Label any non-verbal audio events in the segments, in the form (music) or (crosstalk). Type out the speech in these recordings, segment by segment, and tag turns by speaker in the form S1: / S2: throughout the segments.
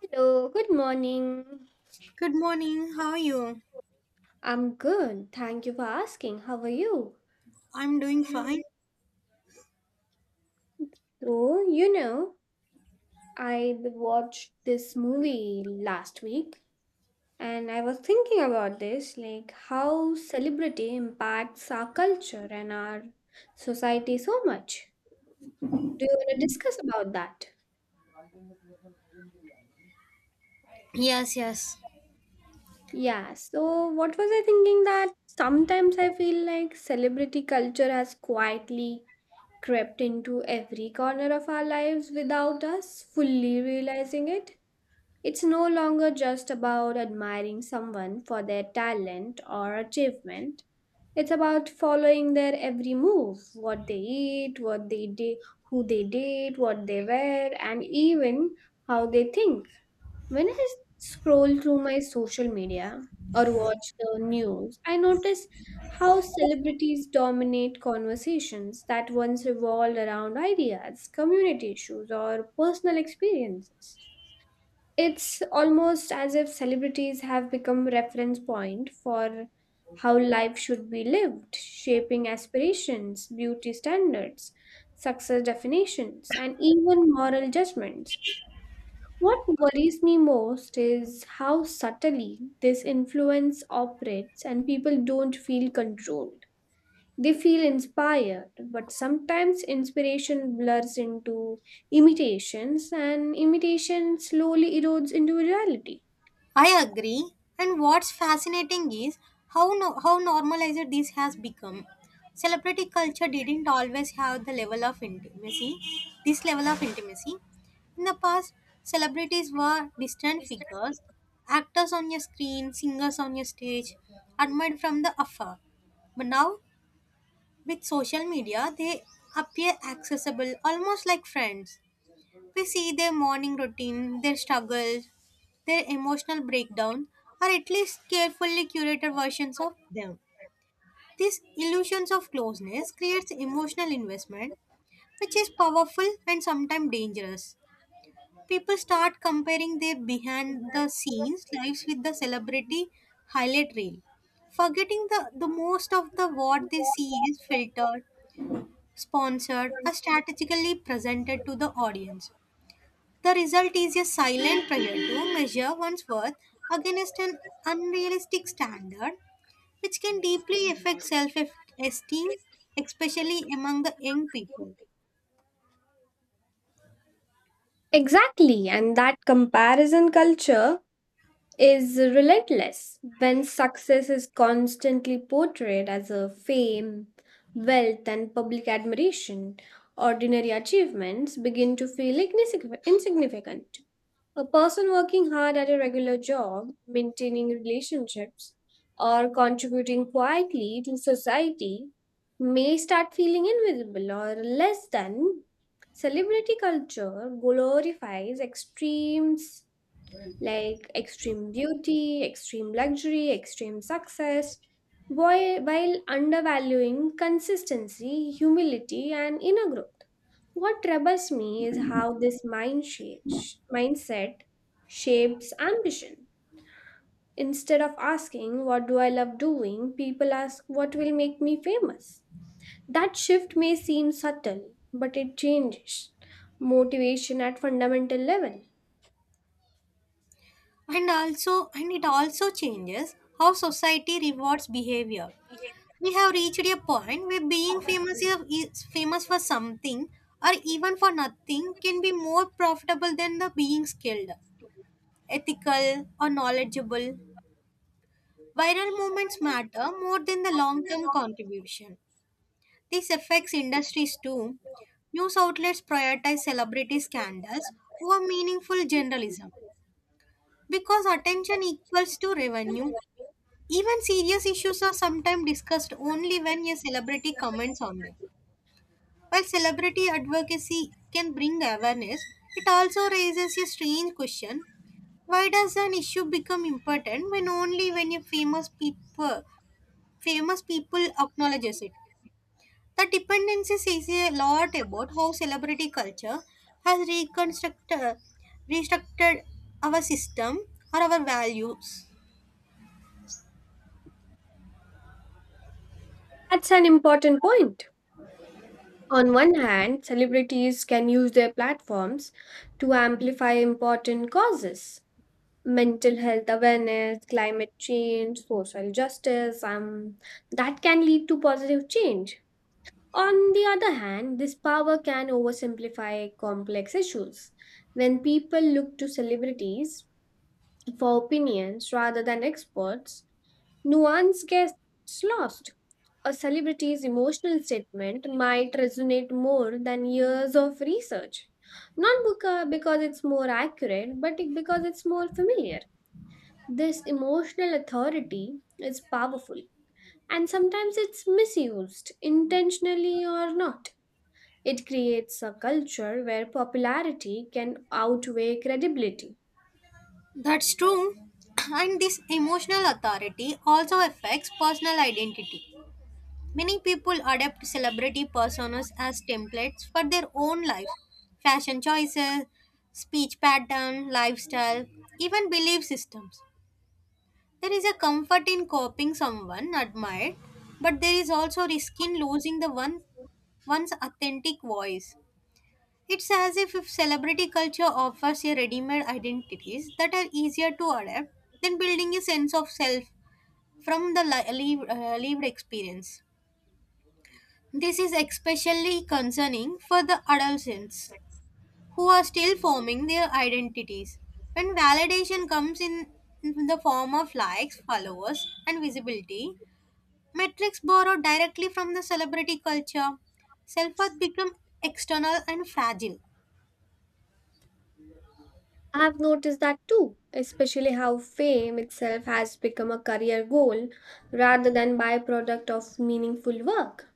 S1: Hello, good morning.
S2: Good morning. How are you?
S1: I'm good. Thank you for asking. How are you?
S2: I'm doing fine.
S1: Mhm. So, you know, I watched this movie last week and I was thinking about this like how celebrity impacts our culture and our society so much. Do you want to discuss about that?
S2: Yes, yes.
S1: Yeah, so what was I thinking that sometimes I feel like celebrity culture has quietly crept into every corner of our lives without us fully realizing it. It's no longer just about admiring someone for their talent or achievement. It's about following their every move, what they eat, what they do, who they date, what they wear, and even how they think. When I scroll through my social media or watch the news, I notice how celebrities dominate conversations that once revolved around ideas, community issues, or personal experiences. It's almost as if celebrities have become reference point for how life should be lived, shaping aspirations, beauty standards, success definitions, and even moral judgments. What worries me most is how subtly this influence operates and people don't feel controlled. They feel inspired, but sometimes inspiration blurs into imitations and imitation slowly erodes into reality.
S2: I agree. And what's fascinating is how how normalized this has become. Celebrity culture didn't always have the level of intimacy. This level of intimacy. In the past, celebrities were distant figures, actors on your screen, singers on your stage, admired from the afar. But now, with social media, they appear accessible, almost like friends. We see their morning routine, their struggles, their emotional breakdown, or at least carefully curated versions of them. These illusions of closeness creates emotional investment, which is powerful and sometimes dangerous. People start comparing their behind the scenes lives with the celebrity highlight reel, forgetting the most of the what they see is filtered, sponsored, or strategically presented to the audience. The result is a silent prayer to measure one's worth against an unrealistic standard, which can deeply affect self esteem, especially among the young people.
S1: Exactly, and that comparison culture is relentless when success is constantly portrayed as a fame, wealth, and public admiration. Ordinary achievements begin to feel insignificant. A person working hard at a regular job, maintaining relationships, or contributing quietly to society may start feeling invisible or less than. Celebrity culture glorifies extremes like extreme beauty, extreme luxury, extreme success, while undervaluing consistency, humility, and inner growth. What troubles me is how mindset shapes ambition. Instead of asking, what do I love doing? People ask, what will make me famous? That shift may seem subtle, but it changes motivation at fundamental level.
S2: And it also changes how society rewards behavior. We have reached a point where being famous is famous for something or even for nothing can be more profitable than the being skilled, ethical, or knowledgeable. Viral movements matter more than the long term contribution. This affects industries too. News outlets prioritize celebrity scandals over meaningful journalism because attention equals to revenue. Even serious issues are sometimes discussed only when a celebrity comments on them. While celebrity advocacy can bring awareness, it also raises a strange question: why does an issue become important when only when a famous people acknowledges it. The dependency says a lot about how celebrity culture has restructured our system or our values.
S1: That's an important point. On one hand, celebrities can use their platforms to amplify important causes mental health awareness, climate change, social justice, that can lead to positive change. On the other hand, this power can oversimplify complex issues. When people look to celebrities for opinions rather than experts, nuance gets lost a celebrity's emotional statement might resonate more than years of research. Not beca- because it's more accurate, but because it's more familiar. This emotional authority is powerful, and sometimes it's misused, intentionally or not. It creates a culture where popularity can outweigh credibility.
S2: That's true. (clears throat) And this emotional authority also affects personal identity. Many people adopt celebrity personas as templates for their own life, fashion choices, speech pattern, lifestyle, even belief systems. There is a comfort in copying someone admired, but there is also risk in losing the one one's authentic voice. It's as if celebrity culture offers a ready-made identities that are easier to adapt than building a sense of self from the lived experience. This is especially concerning for the adolescents who are still forming their identities. When validation comes in the form of likes, followers, and visibility, metrics borrowed directly from the celebrity culture. Self worth become external and fragile.
S1: I've noticed that too, especially how fame itself has become a career goal rather than byproduct of meaningful work.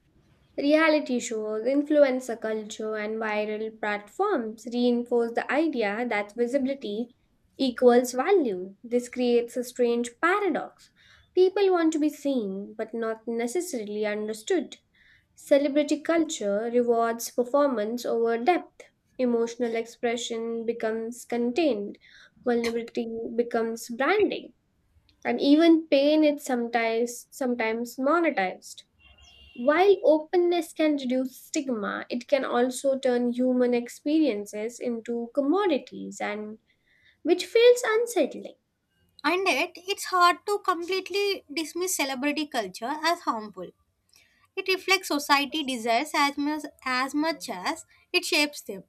S1: Reality shows, influencer culture, and viral platforms reinforce the idea that visibility equals value. This creates a strange paradox. People want to be seen, but not necessarily understood. Celebrity culture rewards performance over depth. Emotional expression becomes contained. Vulnerability becomes branding. And even pain is sometimes monetized. While openness can reduce stigma, it can also turn human experiences into commodities and which feels unsettling.
S2: And yet, it's hard to completely dismiss celebrity culture as harmful. It reflects society desires as much as it shapes them.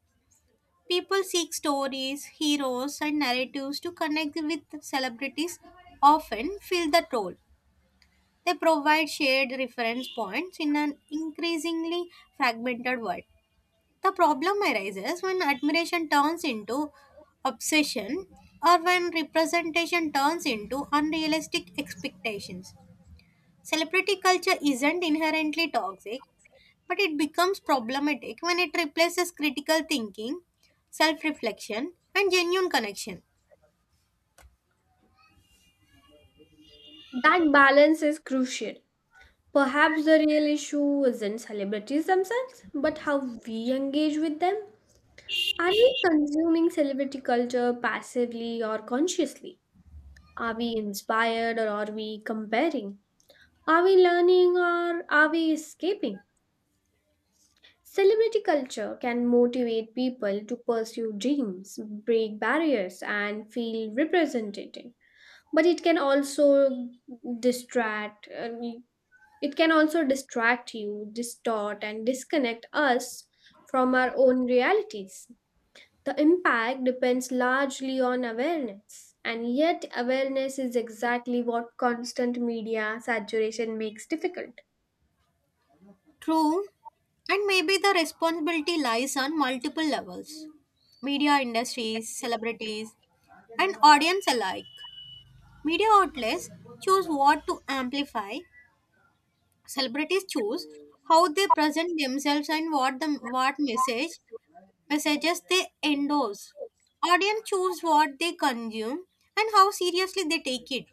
S2: People seek stories, heroes, and narratives to connect with celebrities, often fill that role. They provide shared reference points in an increasingly fragmented world. The problem arises when admiration turns into obsession or when representation turns into unrealistic expectations. Celebrity culture isn't inherently toxic, but it becomes problematic when it replaces critical thinking, self reflection, and genuine connection.
S1: That balance is crucial. Perhaps the real issue isn't celebrities themselves, but how we engage with them. Are we consuming celebrity culture passively or consciously? Are we inspired or are we comparing? Are we learning or are we escaping? Celebrity culture can motivate people to pursue dreams, break barriers, and feel represented. But it can also distract, uh, distract you, distort, and disconnect us from our own realities. The impact depends largely on awareness, and yet, awareness is exactly what constant media saturation makes difficult.
S2: True, and maybe the responsibility lies on multiple levels: media industries, celebrities, and audience alike. Media outlets choose what to amplify. Celebrities choose how they present themselves and what messages they endorse. Audience choose what they consume and how seriously they take it.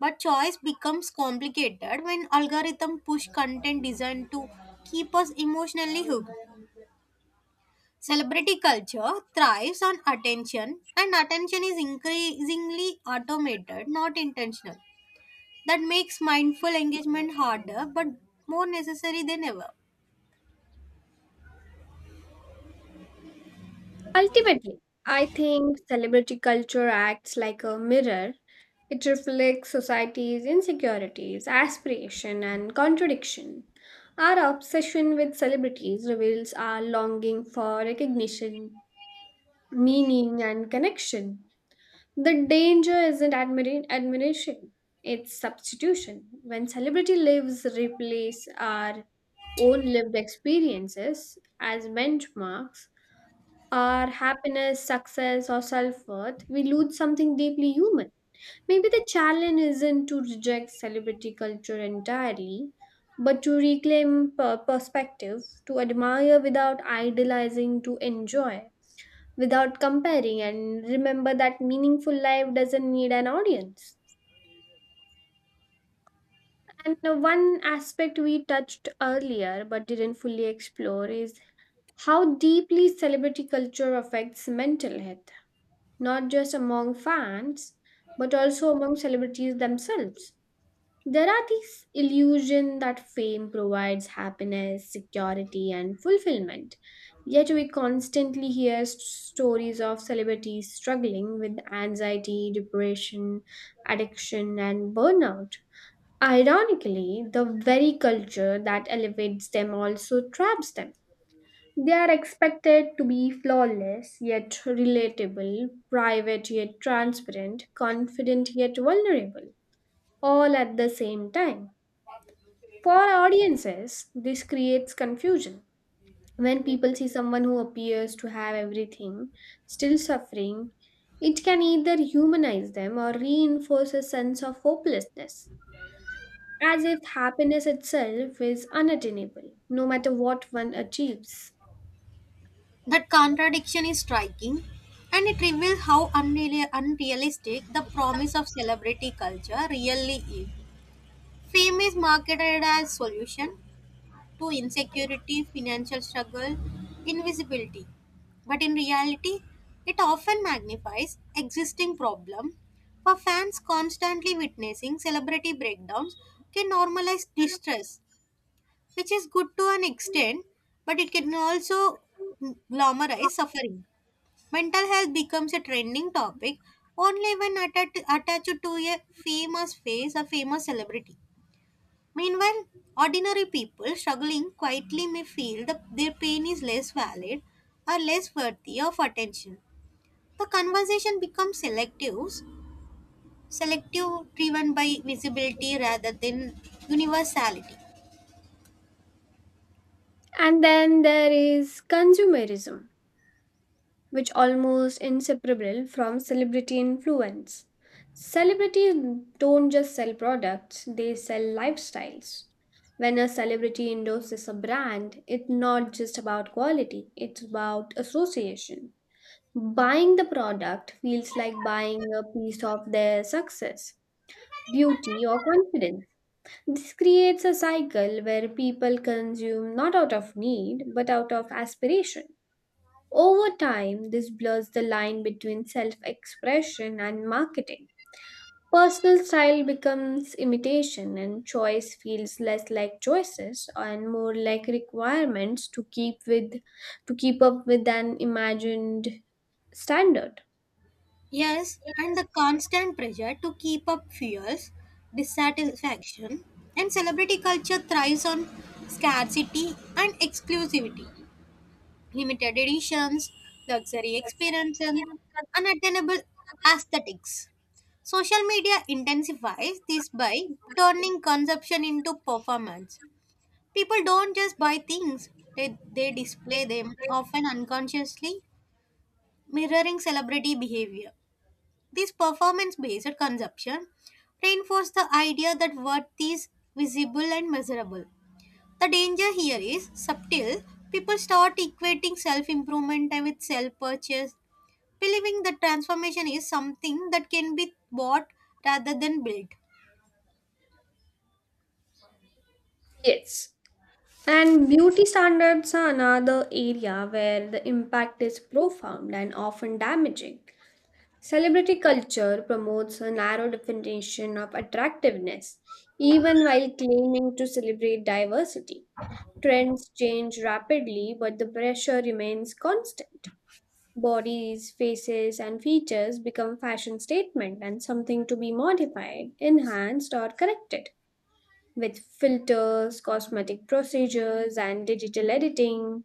S2: But choice becomes complicated when algorithm push content designed to keep us emotionally hooked. Celebrity culture thrives on attention and attention is increasingly automated, not intentional. That makes mindful engagement harder but more necessary than ever.
S1: Ultimately, I think celebrity culture acts like a mirror. It reflects society's insecurities, aspiration, and contradiction. Our obsession with celebrities reveals our longing for recognition, meaning, and connection. The danger isn't admiration, it's substitution. When celebrity lives replace our own lived experiences as benchmarks, our happiness, success, or self worth, we lose something deeply human. Maybe the challenge isn't to reject celebrity culture entirely, but to reclaim perspective, to admire without idolizing, to enjoy without comparing and remember that meaningful life doesn't need an audience. And one aspect we touched earlier but didn't fully explore is how deeply celebrity culture affects mental health, not just among fans, but also among celebrities themselves. There are these illusion that fame provides happiness, security, and fulfillment. Yet we constantly hear stories of celebrities struggling with anxiety, depression, addiction, and burnout. Ironically, the very culture that elevates them also traps them. They are expected to be flawless yet relatable, private yet transparent, confident yet vulnerable, all at the same time. For our audiences, this creates confusion. When people see someone who appears to have everything, still suffering, it can either humanize them or reinforce a sense of hopelessness, as if happiness itself is unattainable, no matter what one achieves.
S2: That contradiction is striking and it reveals how unrealistic the promise of celebrity culture really is. Fame is marketed as solution to insecurity, financial struggle, invisibility. But in reality, it often magnifies existing problem. For fans constantly witnessing celebrity breakdowns can normalize distress which is good to an extent, but it can also glamorize suffering. Mental health becomes a trending topic only when attached to a famous face or famous celebrity. Meanwhile, ordinary people struggling quietly may feel that their pain is less valid or less worthy of attention. The conversation becomes selective driven by visibility rather than universality.
S1: And then there is consumerism, which almost inseparable from celebrity influence. Celebrities don't just sell products, they sell lifestyles. When a celebrity endorses a brand, it's not just about quality, it's about association. Buying the product feels like buying a piece of their success, beauty, or confidence. This creates a cycle where people consume not out of need but out of aspiration. Over time, this blurs the line between self expression and marketing. Personal style becomes imitation, and choice feels less like choices and more like requirements to keep up with an imagined standard.
S2: Yes, and the constant pressure to keep up fuels dissatisfaction, and celebrity culture thrives on scarcity and exclusivity, limited editions, luxury experiences, unattainable aesthetics. Social media intensifies this by turning consumption into performance. People don't just buy things, they display them, often unconsciously mirroring celebrity behavior. This performance based consumption reinforces the idea that worth is visible and measurable. The danger here is subtle. People start equating self improvement with self purchase, believing that transformation is something that can be bought rather than built.
S1: Yes. And beauty standards are another area where the impact is profound and often damaging. Celebrity culture promotes a narrow definition of attractiveness, even while claiming to celebrate diversity. Trends change rapidly, but the pressure remains constant. Bodies, faces, and features become fashion statement and something to be modified, enhanced, or corrected. With filters, cosmetic procedures, and digital editing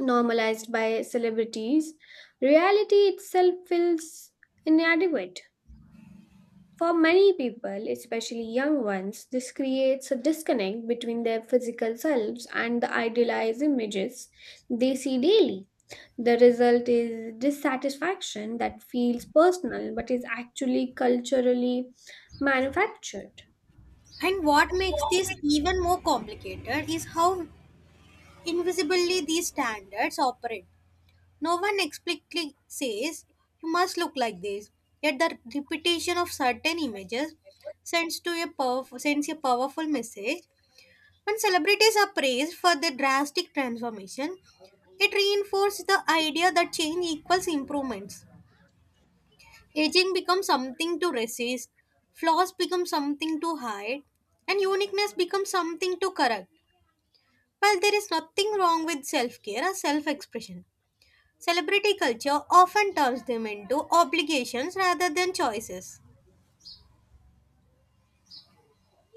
S1: normalized by celebrities, reality itself feels inadequate. For many people, especially young ones, this creates a disconnect between their physical selves and the idealized images they see daily. The result is dissatisfaction that feels personal but is actually culturally manufactured.
S2: And what makes this even more complicated is how invisibly these standards operate. No one explicitly says you must look like this, yet the repetition of certain images sends a powerful message. When celebrities are praised for their drastic transformation, it reinforces the idea that change equals improvements. Aging becomes something to resist, flaws become something to hide, and uniqueness becomes something to correct. While there is nothing wrong with self care or self expression, celebrity culture often turns them into obligations rather than choices.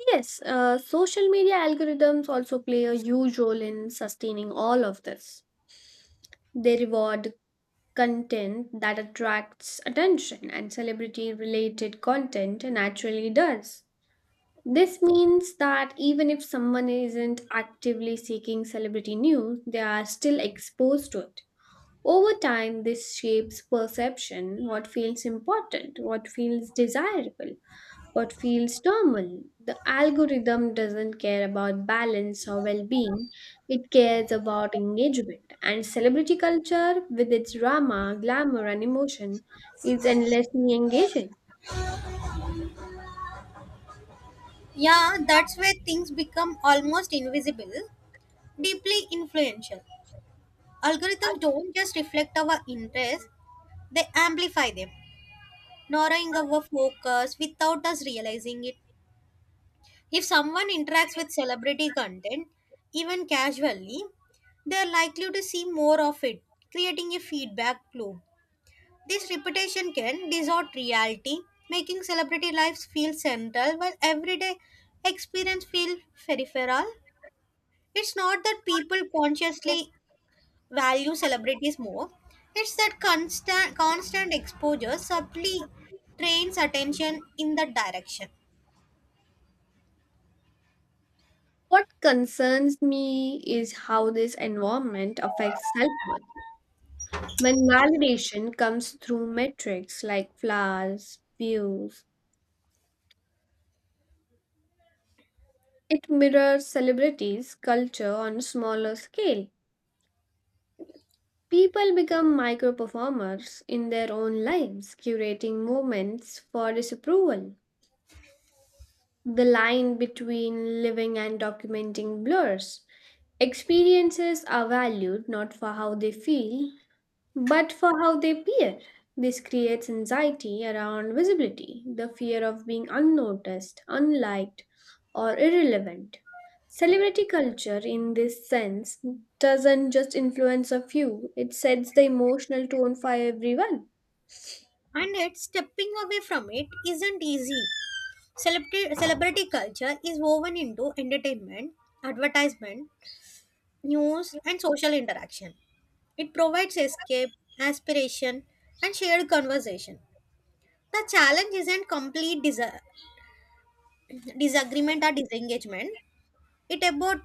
S1: Yes, social media algorithms also play a huge role in sustaining all of this. They reward content that attracts attention, and celebrity related content naturally does. This means that even if someone isn't actively seeking celebrity news, they are still exposed to it. Over time, this shapes perception what feels important, what feels desirable, what feels normal. The algorithm doesn't care about balance or well being, it cares about engagement. And celebrity culture, with its drama, glamour, and emotion, is endlessly engaging.
S2: Yeah, that's where things become almost invisible, deeply influential. Algorithms don't just reflect our interests, they amplify them, narrowing our focus without us realizing it. If someone interacts with celebrity content, even casually, they are likely to see more of it, creating a feedback loop. This reputation can distort reality, making celebrity lives feel central while everyday experience feel peripheral. It's not that people consciously value celebrities more. It's that constant exposure subtly trains attention in that direction.
S1: What concerns me is how this environment affects self worth. When validation comes through metrics like flowers, views, it mirrors celebrities' culture on a smaller scale. People become micro performers in their own lives, curating moments for disapproval. The line between living and documenting blurs. Experiences are valued not for how they feel, but for how they appear. This creates anxiety around visibility, the fear of being unnoticed, unliked, or irrelevant. Celebrity culture, in this sense, doesn't just influence a few, it sets the emotional tone for everyone.
S2: And yet stepping away from it isn't easy. Celebrity culture is woven into entertainment, advertisement, news, and social interaction. It provides escape, aspiration, and shared conversation. The challenge isn't complete disagreement or disengagement. It about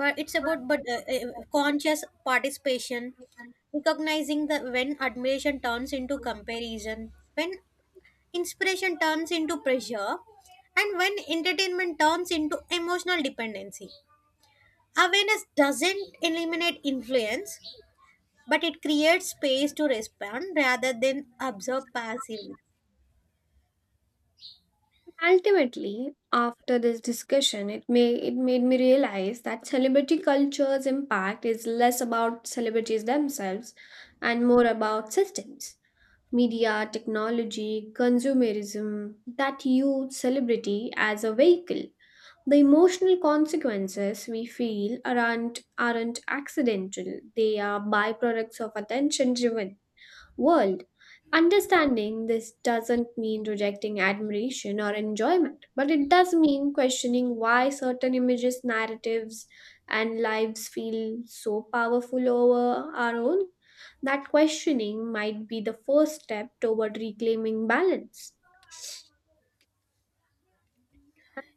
S2: but it's about but conscious participation, recognizing that when admiration turns into comparison, when inspiration turns into pressure, and when entertainment turns into emotional dependency. Awareness doesn't eliminate influence, but it creates space to respond rather than observe passively.
S1: Ultimately, after this discussion, it made me realize that celebrity culture's impact is less about celebrities themselves and more about systems media, technology, consumerism that use celebrity as a vehicle. The emotional consequences we feel aren't accidental, they are byproducts of attention driven world. Understanding this doesn't mean rejecting admiration or enjoyment, but it does mean questioning why certain images, narratives, and lives feel so powerful over our own. That questioning might be the first step toward reclaiming balance.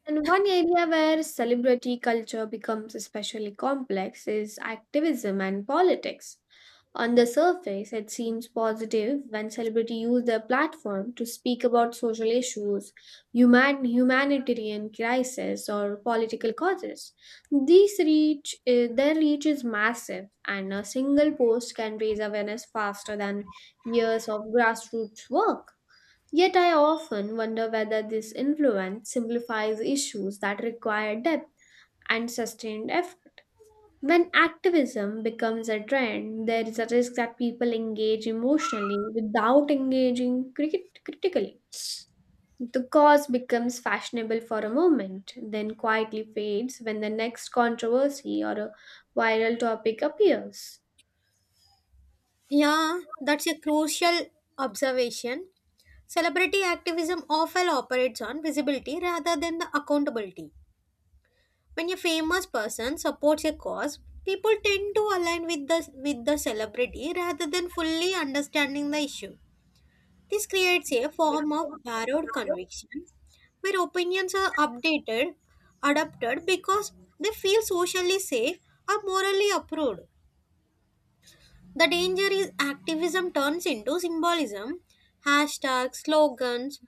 S1: And one area where celebrity culture becomes especially complex is activism and politics. On the surface, it seems positive when celebrities use their platform to speak about social issues, humanitarian crises, or political causes. Their reach is massive, and a single post can raise awareness faster than years of grassroots work. Yet, I often wonder whether this influence simplifies issues that require depth and sustained effort. When activism becomes a trend, there is a risk that people engage emotionally without engaging critically. The cause becomes fashionable for a moment, then quietly fades when the next controversy or a viral topic appears.
S2: Yeah, that's a crucial observation. Celebrity activism often operates on visibility rather than the accountability. When a famous person supports a cause, people tend to align with the celebrity rather than fully understanding the issue. This creates a form of borrowed conviction where opinions are adapted because they feel socially safe or morally approved. The danger is activism turns into symbolism, hashtags, slogans,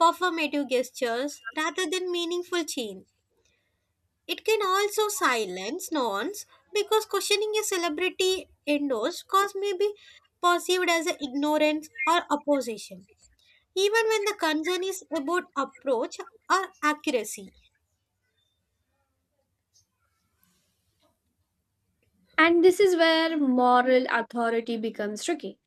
S2: performative gestures rather than meaningful change. It can also silence nuance because questioning a celebrity endorsed cause may be perceived as ignorance or opposition even when the concern is about approach or accuracy.
S1: And this is where moral authority becomes tricky.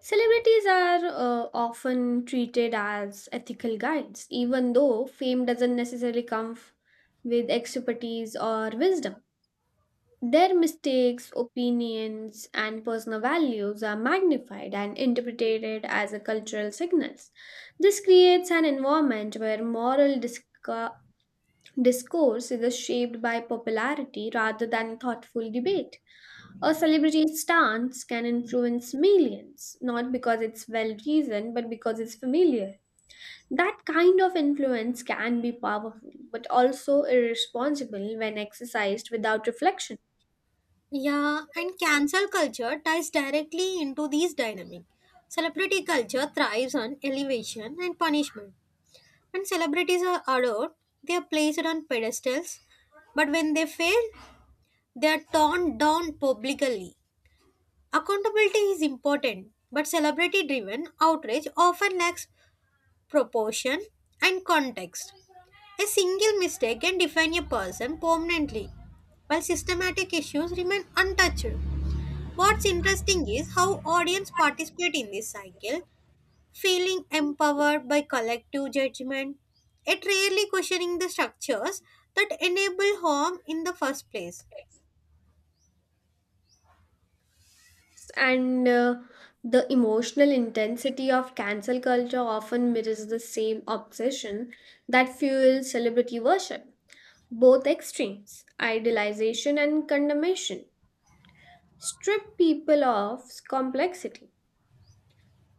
S1: Celebrities are often treated as ethical guides, even though fame doesn't necessarily come with expertise or wisdom. Their mistakes, opinions, and personal values are magnified and interpreted as a cultural signals. This creates an environment where discourse is shaped by popularity rather than thoughtful debate. A celebrity's stance can influence millions, not because it's well reasoned, but because it's familiar. That kind of influence can be powerful, but also irresponsible when exercised without reflection.
S2: Yeah, and cancel culture ties directly into these dynamics. Celebrity culture thrives on elevation and punishment. When celebrities are adored, they are placed on pedestals, but when they fail, they are torn down publicly. Accountability is important, but celebrity driven outrage often lacks proportion and context. A single mistake can define a person permanently, while systematic issues remain untouched. What's interesting is how audience participate in this cycle, feeling empowered by collective judgment, yet rarely questioning the structures that enable harm in the first place.
S1: And the emotional intensity of cancel culture often mirrors the same obsession that fuels celebrity worship. Both extremes, idealization and condemnation, strip people of complexity.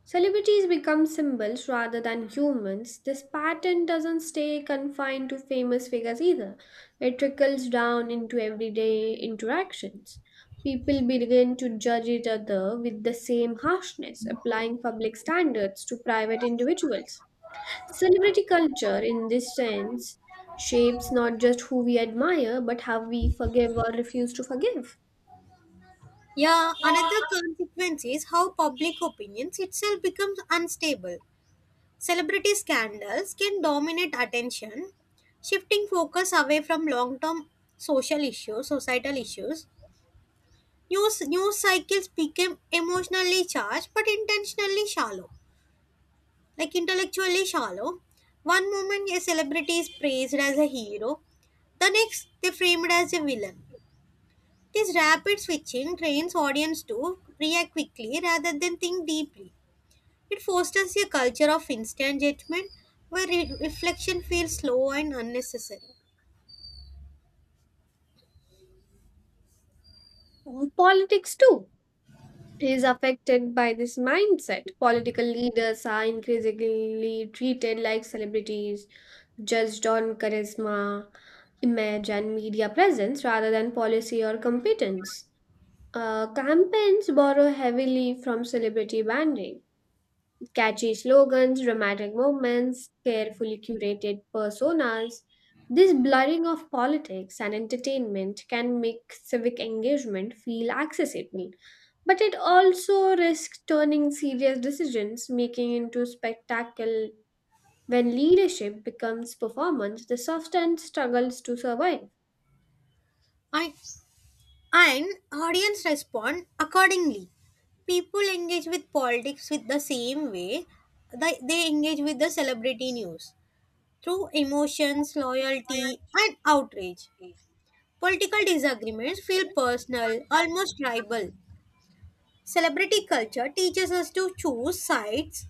S1: Celebrities become symbols rather than humans. This pattern doesn't stay confined to famous figures either. It trickles down into everyday interactions. People begin to judge each other with the same harshness, applying public standards to private individuals. Celebrity culture, in this sense, shapes not just who we admire, but how we forgive or refuse to forgive.
S2: Yeah, another consequence is how public opinions itself becomes unstable. Celebrity scandals can dominate attention, shifting focus away from long term social societal issues. News cycles became emotionally charged but intentionally shallow, like intellectually shallow. One moment a celebrity is praised as a hero, the next they frame it as a villain. This rapid switching trains audience to react quickly rather than think deeply. It fosters a culture of instant judgment where reflection feels slow and unnecessary.
S1: Politics, too. Is affected by this mindset. Political leaders are increasingly treated like celebrities, judged on charisma, image, and media presence rather than policy or competence. Campaigns borrow heavily from celebrity branding catchy slogans, dramatic moments, carefully curated personas. This blurring of politics and entertainment can make civic engagement feel accessible, but it also risks turning serious decisions making into spectacle when leadership becomes performance, the substance struggles to survive.
S2: I, and audience respond accordingly. People engage with politics with the same way they engage with the celebrity news through emotions, loyalty, and outrage. Political disagreements feel personal, almost tribal. Celebrity culture teaches us to choose sides,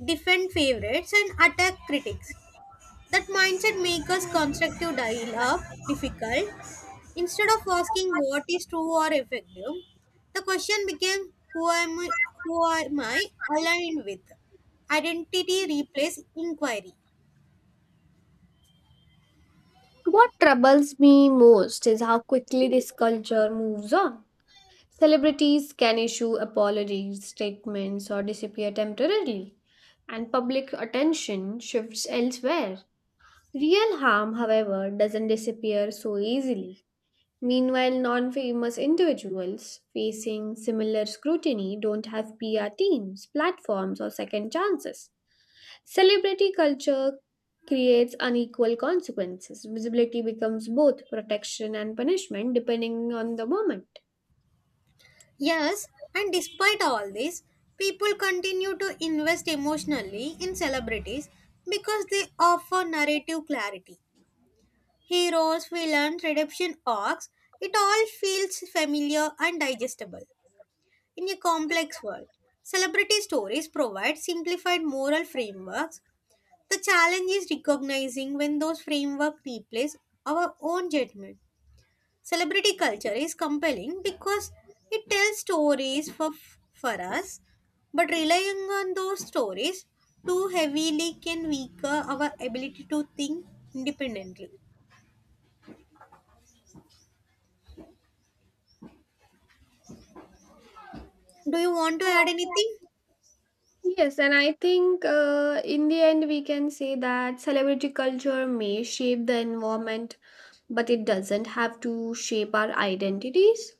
S2: defend favorites, and attack critics. That mindset makes us constructive dialogue difficult. Instead of asking what is true or effective, the question became who am I aligned with? Identity replaces inquiry.
S1: What troubles me most is how quickly this culture moves on celebrities can issue apologies, statements, or disappear temporarily, and public attention shifts elsewhere. Real harm, however, doesn't disappear so easily. Meanwhile, non famous individuals facing similar scrutiny don't have PR teams, platforms, or second chances. Celebrity culture creates unequal consequences. Visibility becomes both protection and punishment depending on the moment.
S2: Yes, and despite all this, people continue to invest emotionally in celebrities because they offer narrative clarity. Heroes, villains, redemption arcs, it all feels familiar and digestible. In a complex world, celebrity stories provide simplified moral frameworks. The challenge is recognizing when those frameworks replace our own judgment. Celebrity culture is compelling because it tells stories for us, but relying on those stories too heavily can weaken our ability to think independently. Do you want to add anything?
S1: Yes, and I think in the end we can say that celebrity culture may shape the environment, but it doesn't have to shape our identities.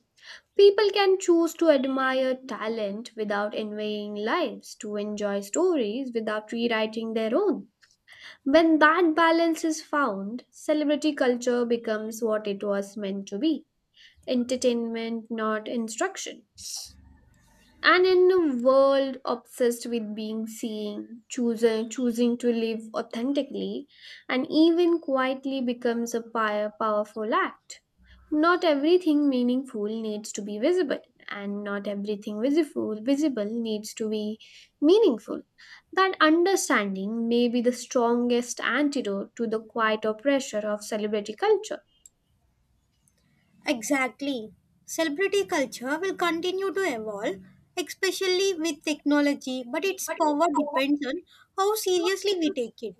S1: People can choose to admire talent without envying lives, to enjoy stories without rewriting their own. When that balance is found, celebrity culture becomes what it was meant to be entertainment, not instruction and in a world obsessed with being seen choosing to live authentically and even quietly becomes a powerful act not everything meaningful needs to be visible and not everything visible needs to be meaningful that understanding may be the strongest antidote to the quiet oppressor of celebrity culture.
S2: Exactly. Celebrity culture will continue to evolve, especially with technology, but its power depends on how seriously we take it.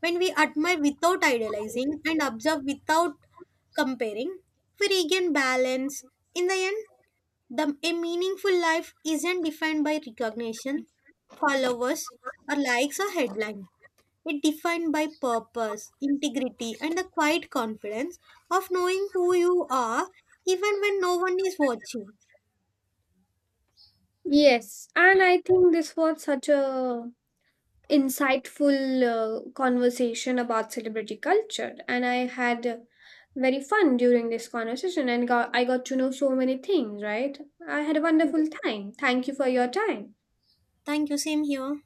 S2: When we admire without idealizing and observe without comparing, we regain balance. In the end, a meaningful life isn't defined by recognition, followers, or likes or headlines. It defined by purpose, integrity, and the quiet confidence of knowing who you are even when no one is watching.
S1: Yes, and I think this was such a insightful conversation about celebrity culture and I had very fun during this conversation and I got to know so many things right I had a wonderful time thank you for your time.
S2: Thank you. Same here.